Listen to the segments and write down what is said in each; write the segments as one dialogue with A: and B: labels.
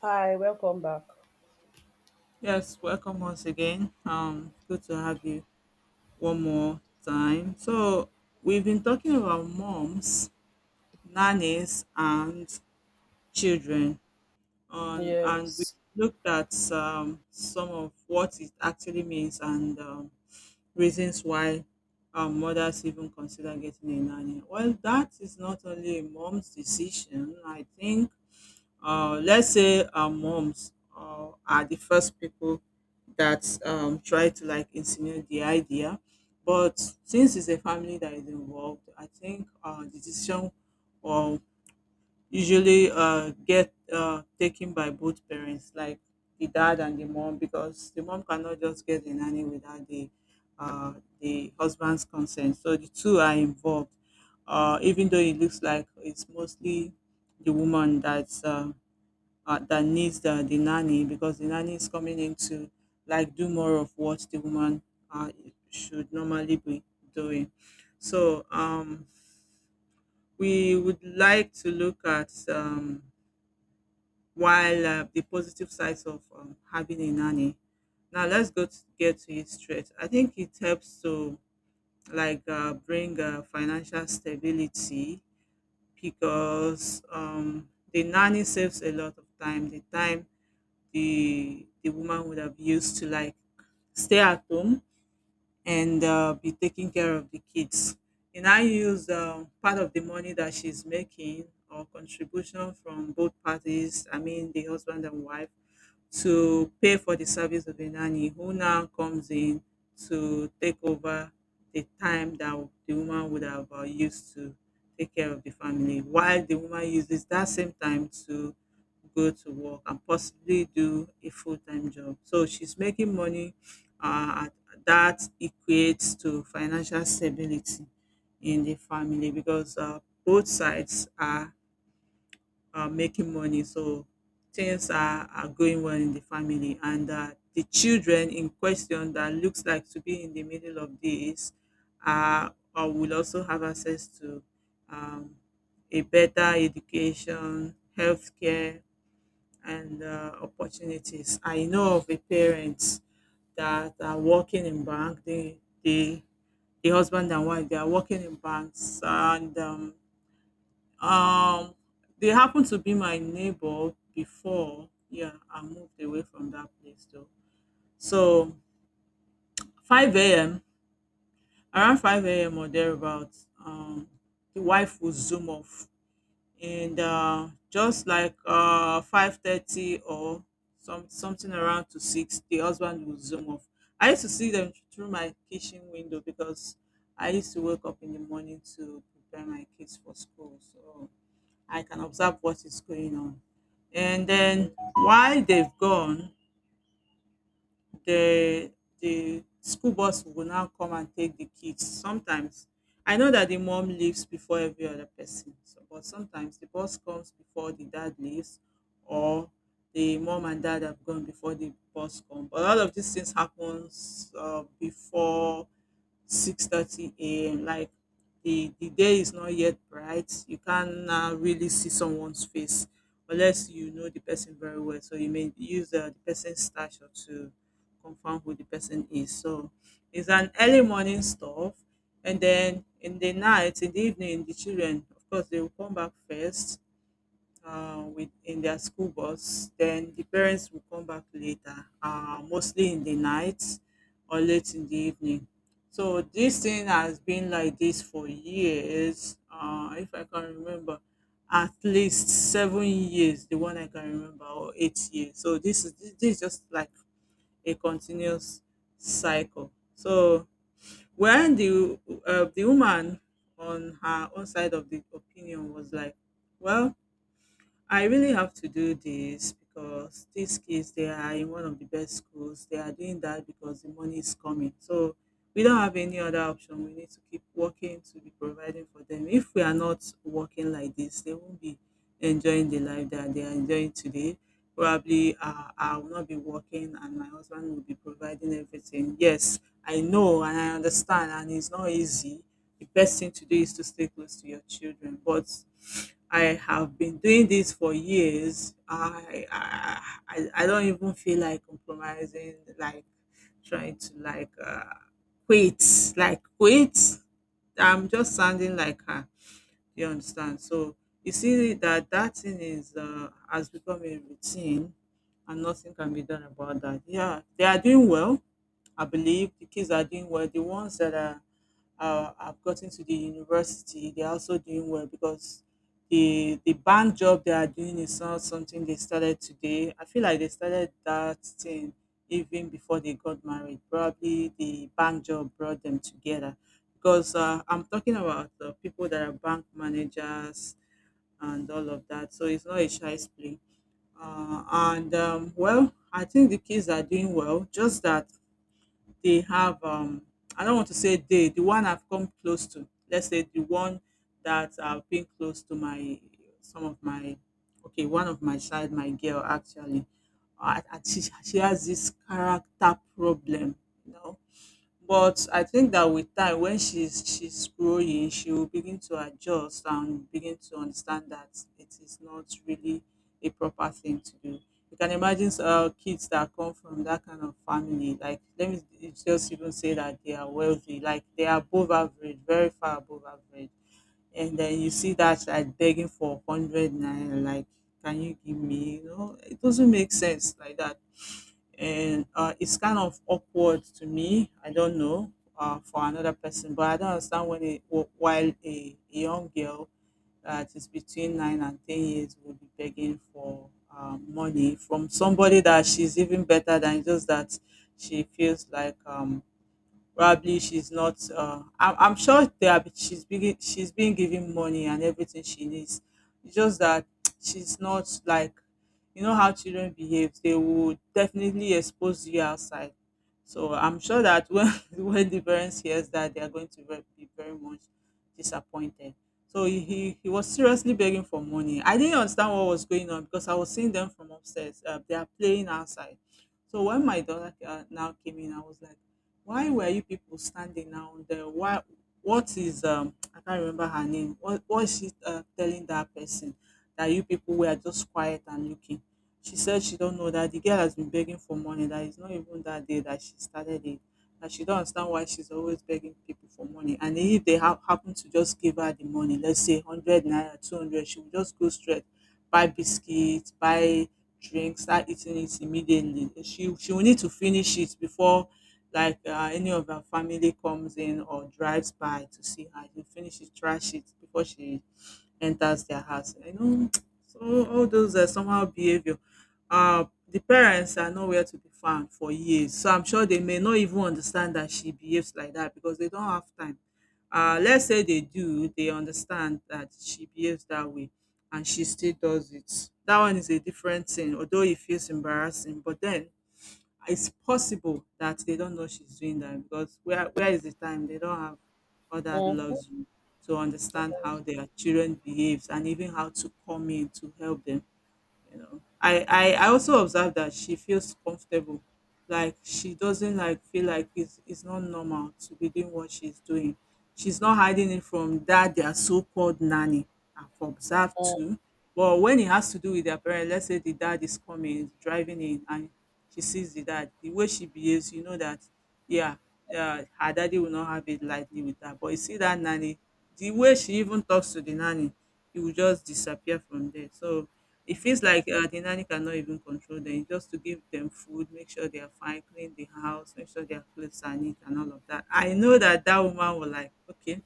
A: Hi, welcome back.
B: Yes, welcome once again. Good to have you one more time. So we've been talking about moms, nannies, and children, on and we
A: Yes.
B: looked at some of what it actually means and reasons why mothers even consider getting a nanny. Well, that is not only a mom's decision. I think let's say our moms are the first people that try to like insinuate the idea. But since it's a family that is involved, I think the decision will usually get taken by both parents, like the dad and the mom, because the mom cannot just get the nanny without the uh, the husband's consent. So the two are involved, even though it looks like it's mostly the woman that's that needs the nanny because the nanny is coming in to like do more of what the woman uh, should normally be doing. So we would like to look at while the positive sides of having a nanny. Now let's go to get to it straight. I think it helps to like bring financial stability because the nanny saves a lot of time. The time the woman would have used to like stay at home and be taking care of the kids. And I use part of the money that she's making or contribution from both parties, I mean the husband and wife, to pay for the service of a nanny who now comes in to take over the time that the woman would have used to take care of the family while the woman uses that same time to go to work and possibly do a full-time job so she's making money uh, that equates to financial stability in the family because both sides are making money. So things are going well in the family. And the children in question that looks like to be in the middle of this uh, will also have access to um, a better education, healthcare, and opportunities. I know of a parents that are working in bank. The husband and wife, they are working in banks and um, they happened to be my neighbor before. Yeah, I moved away from that place though. So 5 a.m. around 5 a.m. or thereabouts, the wife will zoom off, and just like 5:30 or something around to six, the husband will zoom off. I used to see them through my kitchen window because I used to wake up in the morning to prepare my kids for school. So I can observe what is going on. And then while they've gone, the the school bus will now come and take the kids. Sometimes I know that the mom leaves before every other person, so, but sometimes the bus comes before the dad leaves, or the mom and dad have gone before the bus come. But all of these things happens before 6:30 a.m. Like the day is not yet bright. You can't now really see someone's face unless you know the person very well. So you may use the person's stature to confirm who the person is. So it's an early morning stuff, and then in the night, in the evening, the children, of course, they will come back first with in their school bus. Then the parents will come back later, mostly in the night or late in the evening. So this thing has been like this for years. If I can remember, at least 7 years, the one I can remember, or 8 years. So this is just like a continuous cycle. So when the woman on her own side of the opinion was like, well, I really have to do this because these kids they are in one of the best schools. They are doing that because the money is coming. So we don't have any other option. We need to keep working to be providing for them. If we are not working like this, they won't be enjoying the life that they are enjoying today. Probably I will not be working and my husband will be providing everything. Yes, I know and I understand and it's not easy the best thing to do is to stay close to your children. But I have been doing this for years. I don't even feel like compromising, like trying to quit, like quit. I'm just sounding like her. You understand? So you see that that thing is has become a routine, and nothing can be done about that. Yeah, they are doing well. I believe the kids are doing well. The ones that are I've gotten to the university, they're also doing well because the bank job they are doing is not something they started today. I feel like they started that thing even before they got married. Probably the bank job brought them together because I'm talking about the people that are bank managers and all of that. So it's not a child's play. Uh, and well, I think the kids are doing well. Just that they have I don't want to say they, the one I've come close to, let's say the one that I've been close to my some of my okay, one of my child, my girl actually. And she has this character problem, you know but I think that with time when she's growing, she will begin to adjust and begin to understand that it is not really a proper thing to do. You can imagine kids that come from that kind of family, like let me just even say that they are wealthy, like they are above average, very far above average. And then you see that like begging for hundred naira, like can you give me? You know, it doesn't make sense like that and it's kind of awkward to me. I don't know for another person, but I don't understand when a while a young girl that is between 9 and 10 years will be begging for money from somebody that she's even better than. Just that she feels like probably she's not. I'm sure they are, she's been given money and everything she needs. It's just that she's not like you know how children behave. They will definitely expose you outside. So I'm sure that when when the parents hears that, they are going to be very much disappointed. So he was seriously begging for money. I didn't understand what was going on because I was seeing them from upstairs. They are playing outside. So when my daughter now came in, I was like why were you people standing now there? Why? What is um? I can't remember her name. What is she telling that person that you people were just quiet and looking? She said she don't know that the girl has been begging for money. That it's not even that day that she started it. That she don't understand why she's always begging people for money. And if they happen to just give her the money, let's say hundred naira, 200, she will just go straight buy biscuits, buy drinks, start eating it immediately. She will need to finish it before like any of her family comes in or drives by to see her, you finish to trash it before she enters their house. You know, so all those somehow behavior. The parents are nowhere to be found for years, so I'm sure they may not even understand that she behaves like that because they don't have time. Let's say they do, they understand that she behaves that way and she still does it. That one is a different thing, although it feels embarrassing, but then it's possible that they don't know she's doing that because where is the time they don't have all that
A: Mm-hmm.
B: luxury to understand how their children behaves and even how to come in to help them. You know, I also observe that she feels comfortable, like she doesn't like feel like it's not normal to be doing what she's doing. She's not hiding it from that their so-called nanny. I've observed too. But when it has to do with their parents, let's say the dad is coming is driving in and she sees the dad, the way she behaves, you know that, yeah, her daddy will not have it lightly with that. But you see that nanny, the way she even talks to the nanny, it will just disappear from there. So it feels like the nanny cannot even control them. It's just to give them food, make sure they are fine, clean the house, make sure their clothes are neat, and all of that. I know that that woman will like, okay,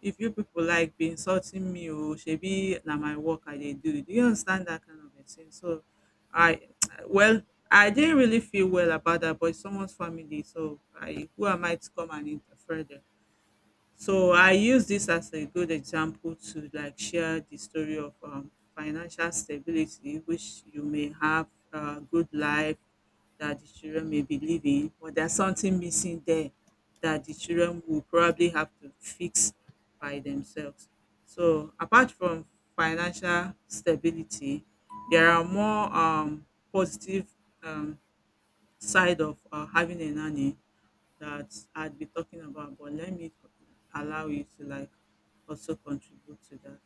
B: if you people like be insulting me, or shebi na my work I dey do. Do you understand that kind of a thing? So, I well, I didn't really feel well about that, but it's someone's family, so I who am I to come and interfere there? So I use this as a good example to like share the story of financial stability, which you may have a good life that the children may be living, but there's something missing there that the children will probably have to fix by themselves. So apart from financial stability, there are more positive um, side of having a nanny that I'd be talking about, but allow you to like also contribute to that.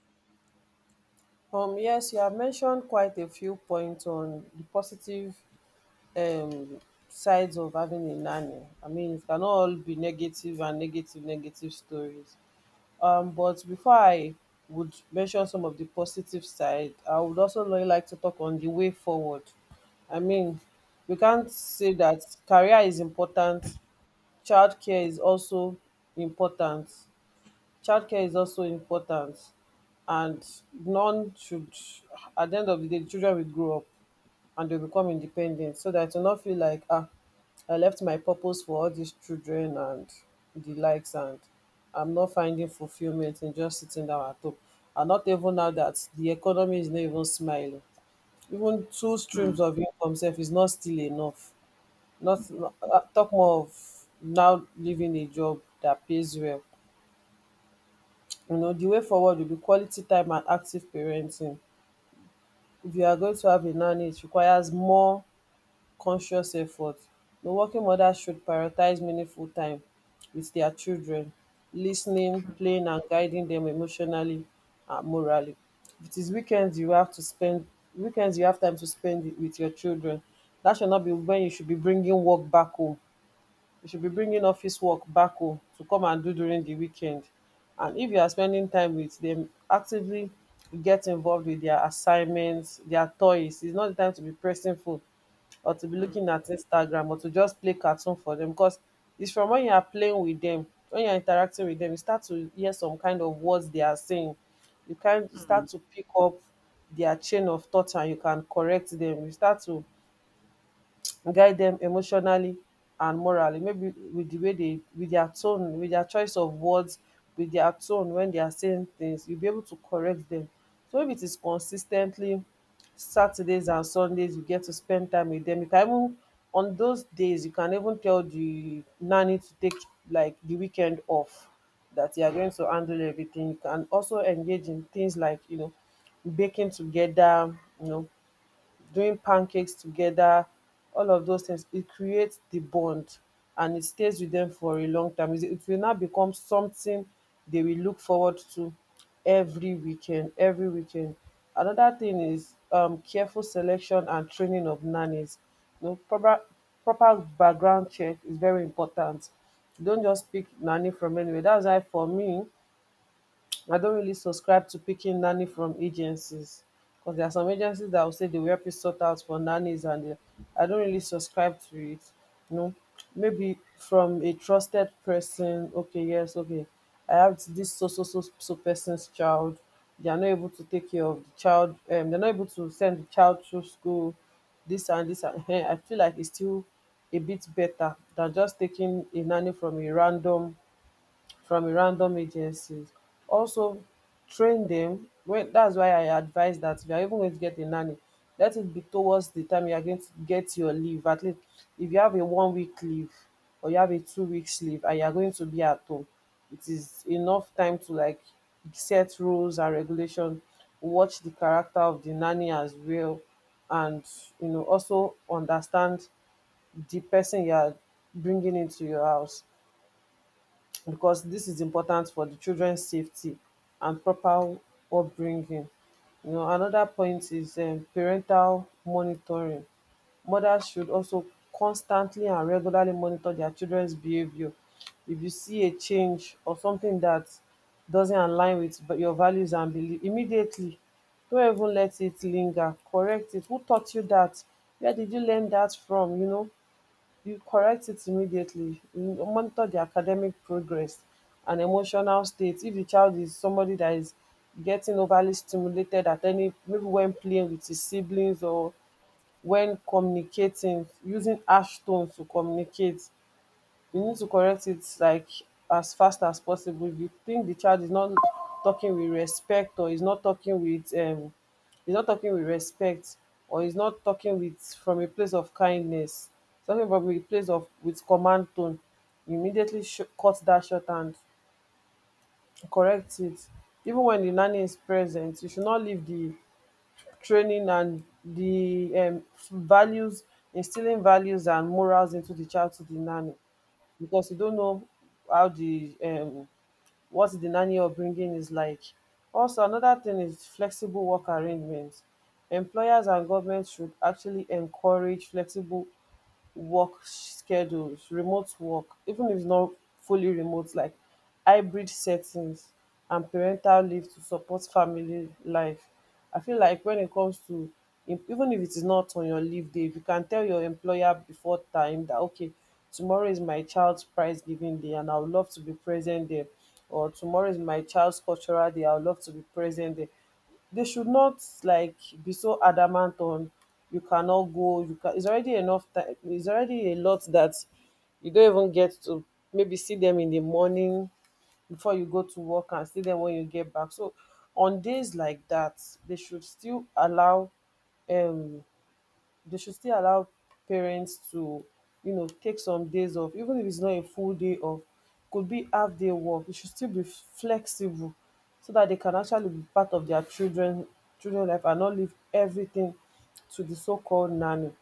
A: Yes, you have mentioned quite a few points on the positive um, sides of having a nanny. I mean, it can all be negative and negative stories. But before I would mention some of the positive side, I would also like to talk on the way forward. I mean, we can't say that career is important, childcare is also important. Childcare is also important, and none should, at the end of the day, the children will grow up and they'll become independent, so that you not feel like, ah, I left my purpose for all these children and the likes, and I'm not finding fulfillment in just sitting down at home. And not even now that the economy is not even smiling. Even two
B: Mm,
A: streams of income self is not still enough. Not talk more of now leaving a job that pays well. You know, the way forward will be quality time and active parenting. If you are going to have a nanny, it requires more conscious effort. The working mother should prioritize meaningful time with their children, listening,
B: mm,
A: playing, and guiding them emotionally and morally. If it is weekends you have to spend, weekends you have time to spend with your children, that should not be when you should be bringing work back home. You should be bringing office work back home to come and do during the weekend. And if you are spending time with them, actively get involved with their assignments, their toys. It's not the time to be pressing phone or to be
B: mm,
A: looking at Instagram or to just play cartoon for them, because it's from when you are playing with them, when you're interacting with them, you start to hear some kind of words they are saying. You can start
B: mm.
A: to pick up their chain of thought and you can correct them. You start to guide them emotionally and morally, maybe with the way with their tone, with their choice of words, with their tone when they are saying things, you will be able to correct them. So if it is consistently Saturdays and Sundays you get to spend time with them, you can even, on those days, you can even tell the nanny to take like the weekend off, that you are going to handle everything. You can also engage in things like, you know, baking together, you know, doing pancakes together. All of those things, it creates the bond, and it stays with them for a long time. It will now become something they will look forward to every weekend, every weekend. Another thing is careful selection and training of nannies. You know, proper background check is very important. You don't just pick nanny from anywhere. That's why, for me, I don't really subscribe to picking nanny from agencies, because there are some agencies that will say they will help you sort out for nannies, and I don't really subscribe to it. You know, maybe from a trusted person. Okay, yes, okay. I have this so so so so person's child. They are not able to take care of the child. They're not able to send the child to school. This and this and I feel like it's still a bit better than just taking a nanny from a random agencies. Also train them when, that's why I advise that if you're even going to get a nanny, let it be towards the time you're going to get your leave. At least if you have a 1 week leave or you have a 2 weeks leave and you're going to be at home, it is enough time to like set rules and regulation, watch the character of the nanny as well, and, you know, also understand the person you are bringing into your house, because this is important for the children's safety and proper upbringing. You know, another point is parental monitoring. Mothers should also constantly and regularly monitor their children's behavior. If you see a change or something that doesn't align with your values and belief, immediately, don't even let it linger. Correct it. Who taught you that? Where did you learn that from? You know, you correct it immediately. You monitor the academic progress and emotional state. If the child is somebody that is getting overly stimulated at any, maybe when playing with his siblings or when communicating, using harsh tones to communicate, you need to correct it like as fast as possible. If you think the child is not talking with respect or is not talking with respect, or is not talking with, from a place of kindness, talking from a place of, with command tone, you immediately cut that short and correct it. Even when the nanny is present, you should not leave the training and the values, instilling values and morals into the child to the nanny, because you don't know how the what the nanny upbringing is like. Also, another thing is flexible work arrangements. Employers and governments should actually encourage flexible work schedules, remote work, even if not fully remote, like hybrid settings and parental leave to support family life. I feel like when it comes to even if it is not on your leave day, if you can tell your employer before time that, okay, tomorrow is my child's prize giving day and I would love to be present there, or tomorrow is my child's cultural day, I would love to be present there, they should not like be so adamant on, you cannot go. You can, it's already enough time, it's already a lot that you don't even get to maybe see them in the morning before you go to work and see them when you get back. So on days like that, they should still allow um they should still allow parents to, you know, take some days off. Even if it's not a full day off, could be half day work, it should still be flexible, so that they can actually be part of their children life, and not leave everything to the so called nanny.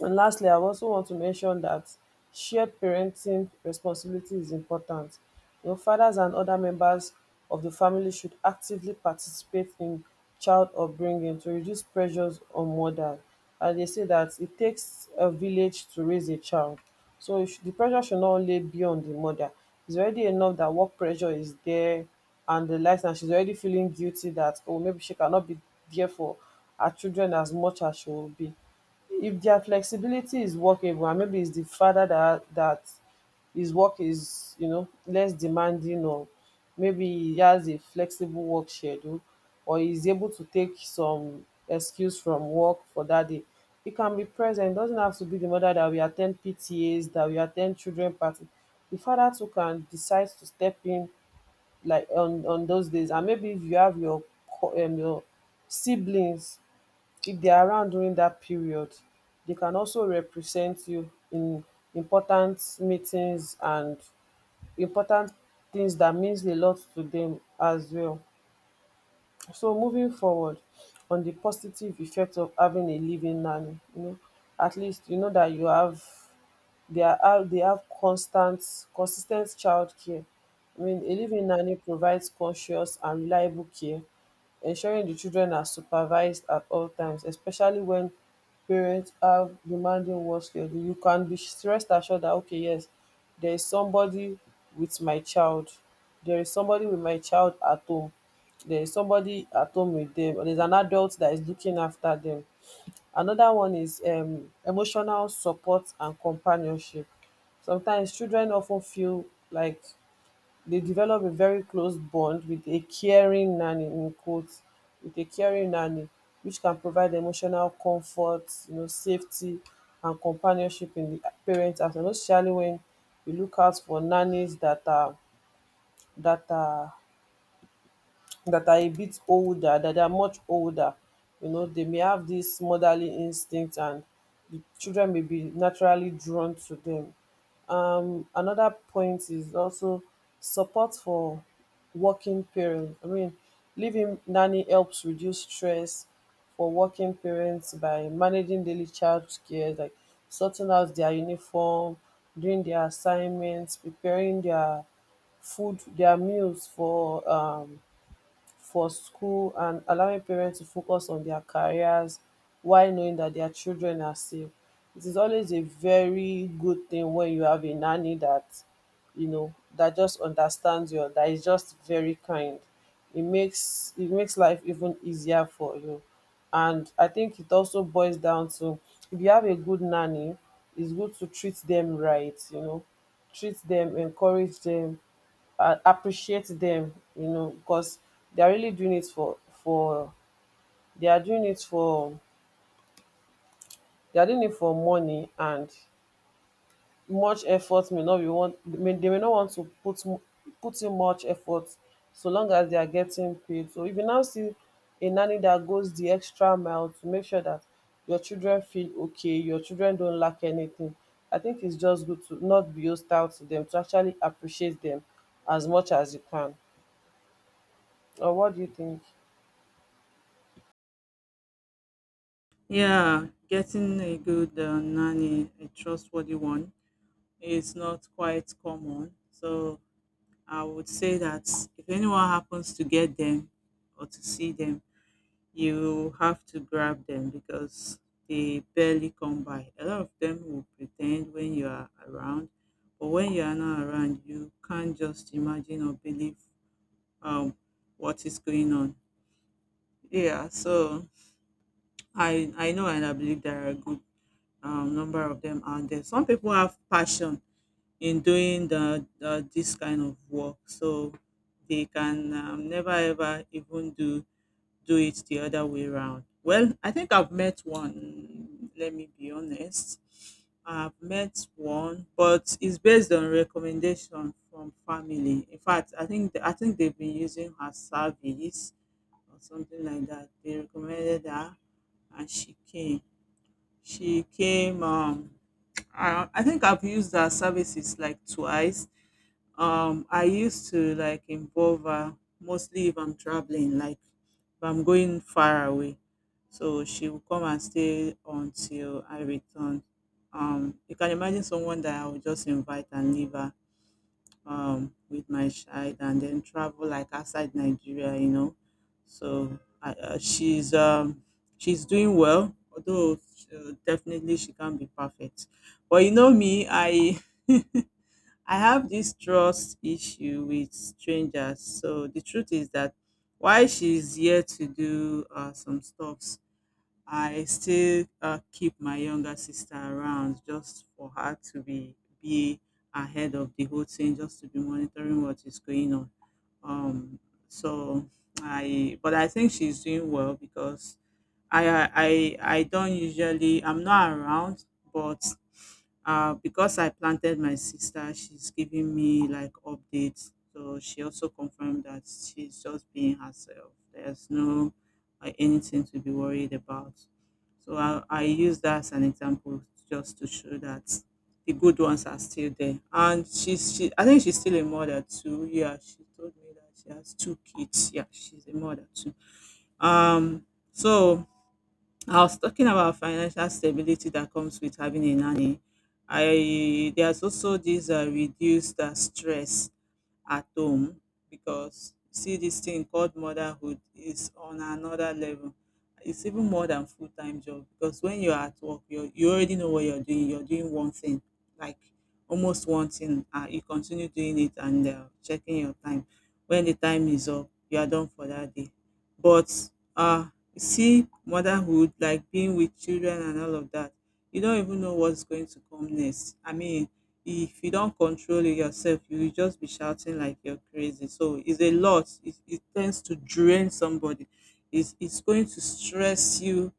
A: And lastly, I also want to mention that shared parenting responsibility is important. You know, fathers and other members of the family should actively participate in child upbringing to reduce pressures on mother. And they say that it takes a village to raise a child. So it should, the pressure should not only be on the mother. It's already enough that work pressure is there and the likes, and she's already feeling guilty that, oh, maybe she cannot be there for her children as much as she will be. If their flexibility is workable, and maybe it's the father that his work is, you know, less demanding, or maybe he has a flexible work schedule, or he's able to take some excuse from work for that day, he can be present. Doesn't have to be the mother that we attend PTAs, that we attend children party. The father too can decide to step in, like on those days. And maybe if you have your your siblings, if they are around during that period, they can also represent you in important meetings and important things that means a lot to them as well. So moving forward on the positive effect of having a living nanny, you know, at least you know that you have, they have constant, consistent child care. I mean, a living nanny provides conscious and reliable care, ensuring the children are supervised at all times, especially when parents have demanding work schedule. You can be rest assured that, okay, yes, there is somebody with my child. There is somebody with my child at home, there's somebody at home with them, or there's an adult that is looking after them. Another one is emotional support and companionship. Sometimes children often feel like they develop a very close bond with a caring nanny, in quotes, with a caring nanny, which can provide emotional comfort, you know, safety and companionship in the parents. As well, especially when we look out for nannies that are that are that are a bit older, that they are much older. You know, they may have this motherly instinct and the children may be naturally drawn to them. Another point is also support for working parents. I mean, living nanny helps reduce stress for working parents by managing daily child care, like sorting out their uniform, doing their assignments, preparing their food, their meals for school, and allowing parents to focus on their careers while knowing that their children are safe. It is always a very good thing when you have a nanny that, you know, that just understands you, that is just very kind. It makes life even easier for you. And I think it also boils down to if you have a good nanny, it's good to treat them right, you know, treat them, encourage them, appreciate them, you know, because they're really doing it for they are doing it for they are doing it for money, and much effort may not be want may, they may not want to put in much effort so long as they are getting paid. So if you now see a nanny that goes the extra mile to make sure that your children feel okay, your children don't lack anything, I think it's just good to not be hostile to them, to actually appreciate them as much as you can. Or what do you think?
B: Yeah, getting a good nanny, a trustworthy one, is not quite common. So I would say that if anyone happens to get them or to see them, you have to grab them because they barely come by. A lot of them will pretend when you are around, but when you are not around, you can't just imagine or believe um, what is going on. Yeah, so I know and I believe there are a good number of them out there. Some people have passion in doing the this kind of work, so they can never ever even do it the other way round. Well, I think I've met one, let me be honest. I've met one, but it's based on recommendation from family. In fact, I think they've been using her service or something like that. They recommended her and she came. She came I think I've used her services like twice. I used to like involve her mostly if I'm traveling, like if I'm going far away. So she will come and stay until I return. You can imagine someone that I would just invite and leave her with my child and then travel like outside Nigeria, you know. So she's doing well, although definitely she can't be perfect. But you know me, I I have this trust issue with strangers. So the truth is that while she's here to do some stuffs, I still keep my younger sister around just for her to be ahead of the whole thing, just to be monitoring what is going on. Um, so but I think she's doing well because I don't usually I'm not around, but because I planted my sister, she's giving me like updates. So she also confirmed that she's just being herself. There's no anything to be worried about. So I use that as an example just to show that the good ones are still there. And she I think she's still a mother too. Yeah, she told me that she has two kids. Yeah, she's a mother too. Um so I was talking about financial stability that comes with having a nanny. I there's also this reduced stress at home, because see this thing called motherhood is on another level. It's even more than full-time job, because when you're at work you already know what you're doing, you're doing one thing, like almost one thing. You continue doing it and checking your time. When the time is up, you are done for that day. But uh you see motherhood, like being with children and all of that, you don't even know what's going to come next. I mean, if you don't control it yourself, you will just be shouting like you're crazy. So it's a lot. It tends to drain somebody. It's going to stress you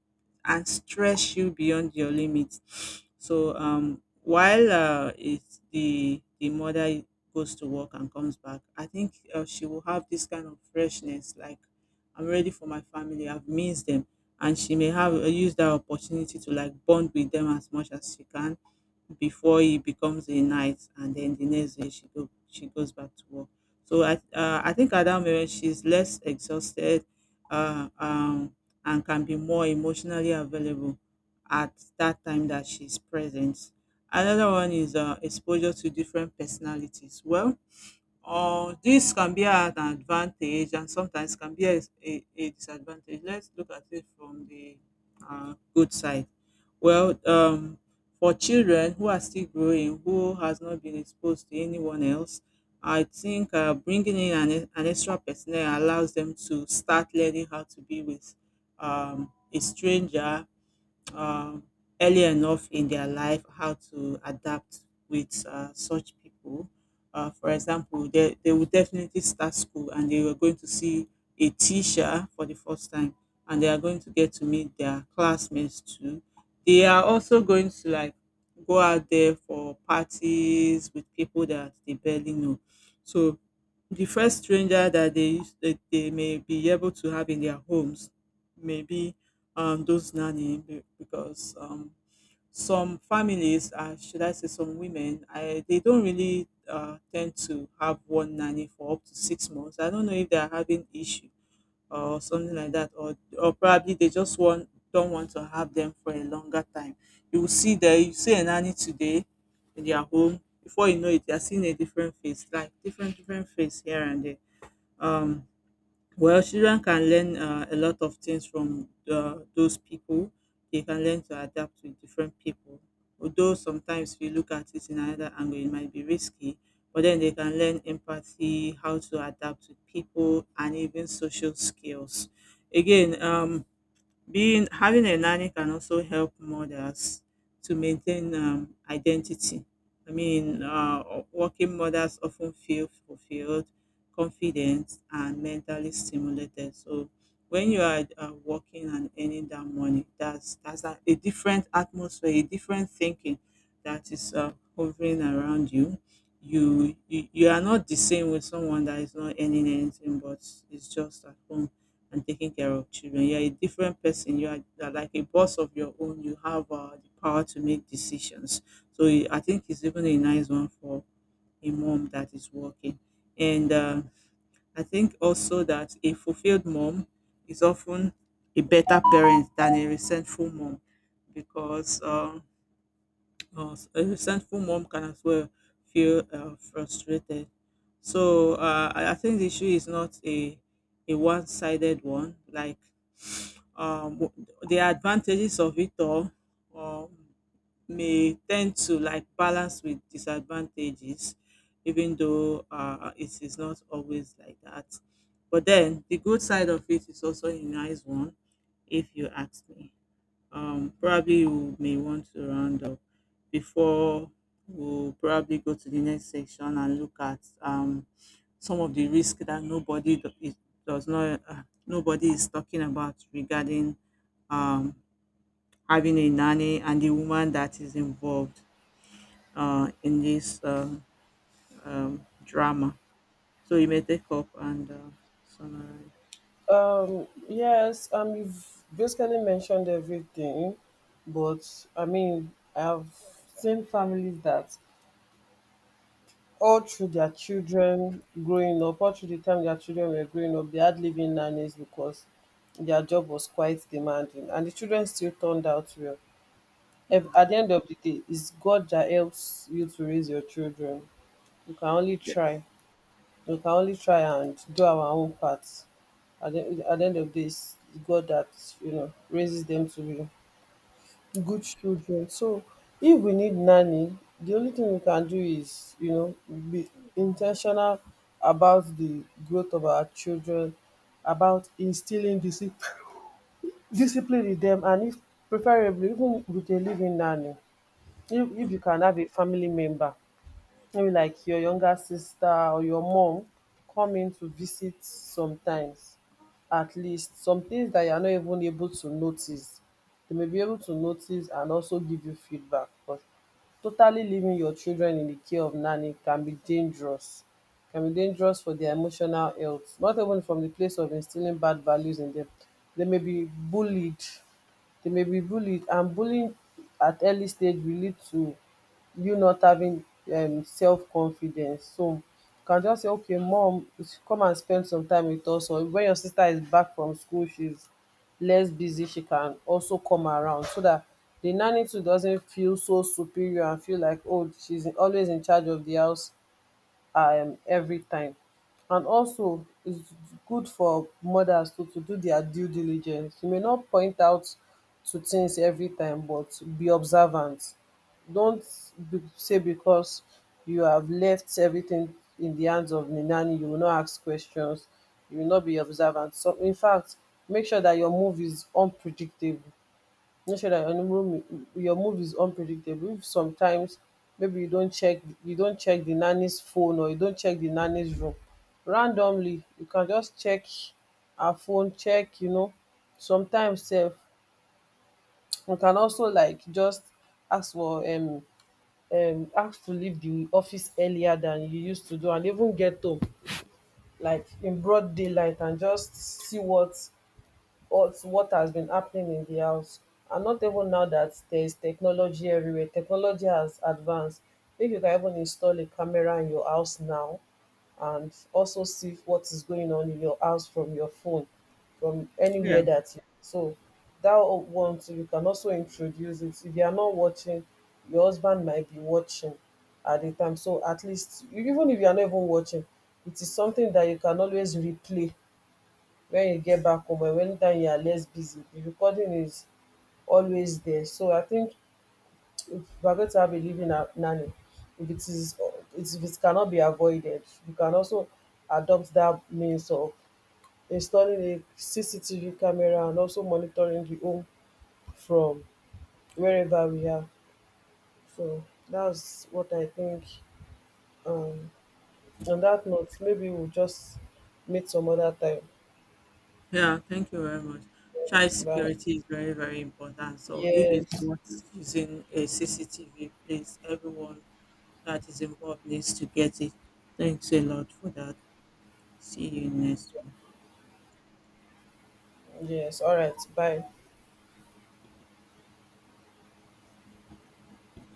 B: and stress you beyond your limits. So while it's the mother goes to work and comes back, I think she will have this kind of freshness, like I'm ready for my family, I've missed them. And she may have used that opportunity to like bond with them as much as she can before he becomes a knight, and then the next day she goes back to work. So I think at that moment she's less exhausted uh, um and can be more emotionally available at that time that she's present. Another one is exposure to different personalities. Well, or this can be an advantage, and sometimes can be a disadvantage. Let's look at it from the good side. Well, for children who are still growing, who has not been exposed to anyone else, I think bringing in an extra personnel allows them to start learning how to be with a stranger uh, early enough in their life, how to adapt with such people. For example, they would definitely start school and they were going to see a teacher for the first time, and they are going to get to meet their classmates too. They are also going to like go out there for parties with people that they barely know. So the first stranger that they used that they may be able to have in their homes, maybe those nanny because some families, should I say, some women, they don't really tend to have one nanny for up to 6 months. I don't know if they are having issue or something like that, or probably they just want don't want to have them for a longer time. You will see that you see a nanny today in their home. Before you know it, they are seeing a different face, like different face here and there. Um, well, children can learn a lot of things from those people. They can learn to adapt with different people. Although sometimes if you look at it in another angle, it might be risky, but then they can learn empathy, how to adapt with people, and even social skills. Again, being having a nanny can also help mothers to maintain identity. I mean, working mothers often feel fulfilled, confident, and mentally stimulated. So when you are working and earning that money, that's a different atmosphere, a different thinking that is hovering around you. You are not the same with someone that is not earning anything but is just at home and taking care of children. You're a different person. You are like a boss of your own. You have the power to make decisions. So I think it's even a nice one for a mom that is working. And I think also that a fulfilled mom is often a better parent than a resentful mom, because a resentful mom can as well feel frustrated. So I think the issue is not a one-sided one. Like the advantages of it all um, may tend to like balance with disadvantages, even though it is not always like that. But then the good side of it is also a nice one, if you ask me. Probably you may want to round up before we'll probably go to the next section and look at some of the risk that does not nobody is talking about regarding um, having a nanny and the woman that is involved in this drama. So you may take up and summarize.
A: Yes, you've basically mentioned everything, but I mean, I've seen families that all through their children growing up, all through the time their children were growing up, they had living nannies because their job was quite demanding, and the children still turned out well.
B: Hmm.
A: At the end of the day, it's God that helps you to raise your children. You can only
B: Yes.
A: try. We can only try and do our own part. At the end of this, God that you know raises them to be good children. So if we need nanny, the only thing we can do is, you know, be intentional about the growth of our children, about instilling discipline discipline with them, and if preferably even with a living nanny. If you can have a family member, maybe like your younger sister or your mom, come in to visit sometimes, at least some things that you are not even able to notice, they may be able to notice and also give you feedback. But totally leaving your children in the care of nanny can be dangerous, can be dangerous for their emotional health, not even from the place of instilling bad values in them. They may be bullied, they may be bullied and bullying at early stage will lead to you not having self-confidence. So you can just say, okay, mom, come and spend some time with us. Or when your sister is back from school, she's less busy, she can also come around so that the nanny too doesn't feel so superior and feel like, oh, she's always in charge of the house every time. And also it's good for mothers to do their due diligence. You may not point out to things every time, but be observant. Don't be, say because you have left everything in the hands of the nanny, you will not ask questions, you will not be observant. So in fact, make sure that your move is unpredictable. Make sure that your move is unpredictable. If sometimes maybe you don't check the nanny's phone, or you don't check the nanny's room randomly, you can just check her phone, check, you know. Sometimes sef you can also like just ask for ask to leave the office earlier than you used to do, and even get home like in broad daylight and just see what has been happening in the house. And not even now that there is technology everywhere, technology has advanced. If you can even install a camera in your house now and also see what is going on in your house from your phone, from
B: Yeah.
A: anywhere that you, so that one too you can also introduce it. If you are not watching, your husband might be watching at the time. So at least even if you are not even watching, it is something that you can always replay when you get back home, and anytime you are less busy the recording is always there. So I think if you are going to have a nanny, if it is it's- if it cannot be avoided, you can also adopt that means of installing a CCTV camera and also monitoring the home from wherever we are. So that's what I think. Um, on that note, maybe we'll just meet some other time.
B: Yeah, thank you very much. Child
A: But
B: security is very, very important. So if it's
A: yes,
B: not using a CCTV, please, everyone that is involved needs to get it. Thanks a lot for that. See you next one.
A: yes, all right, bye.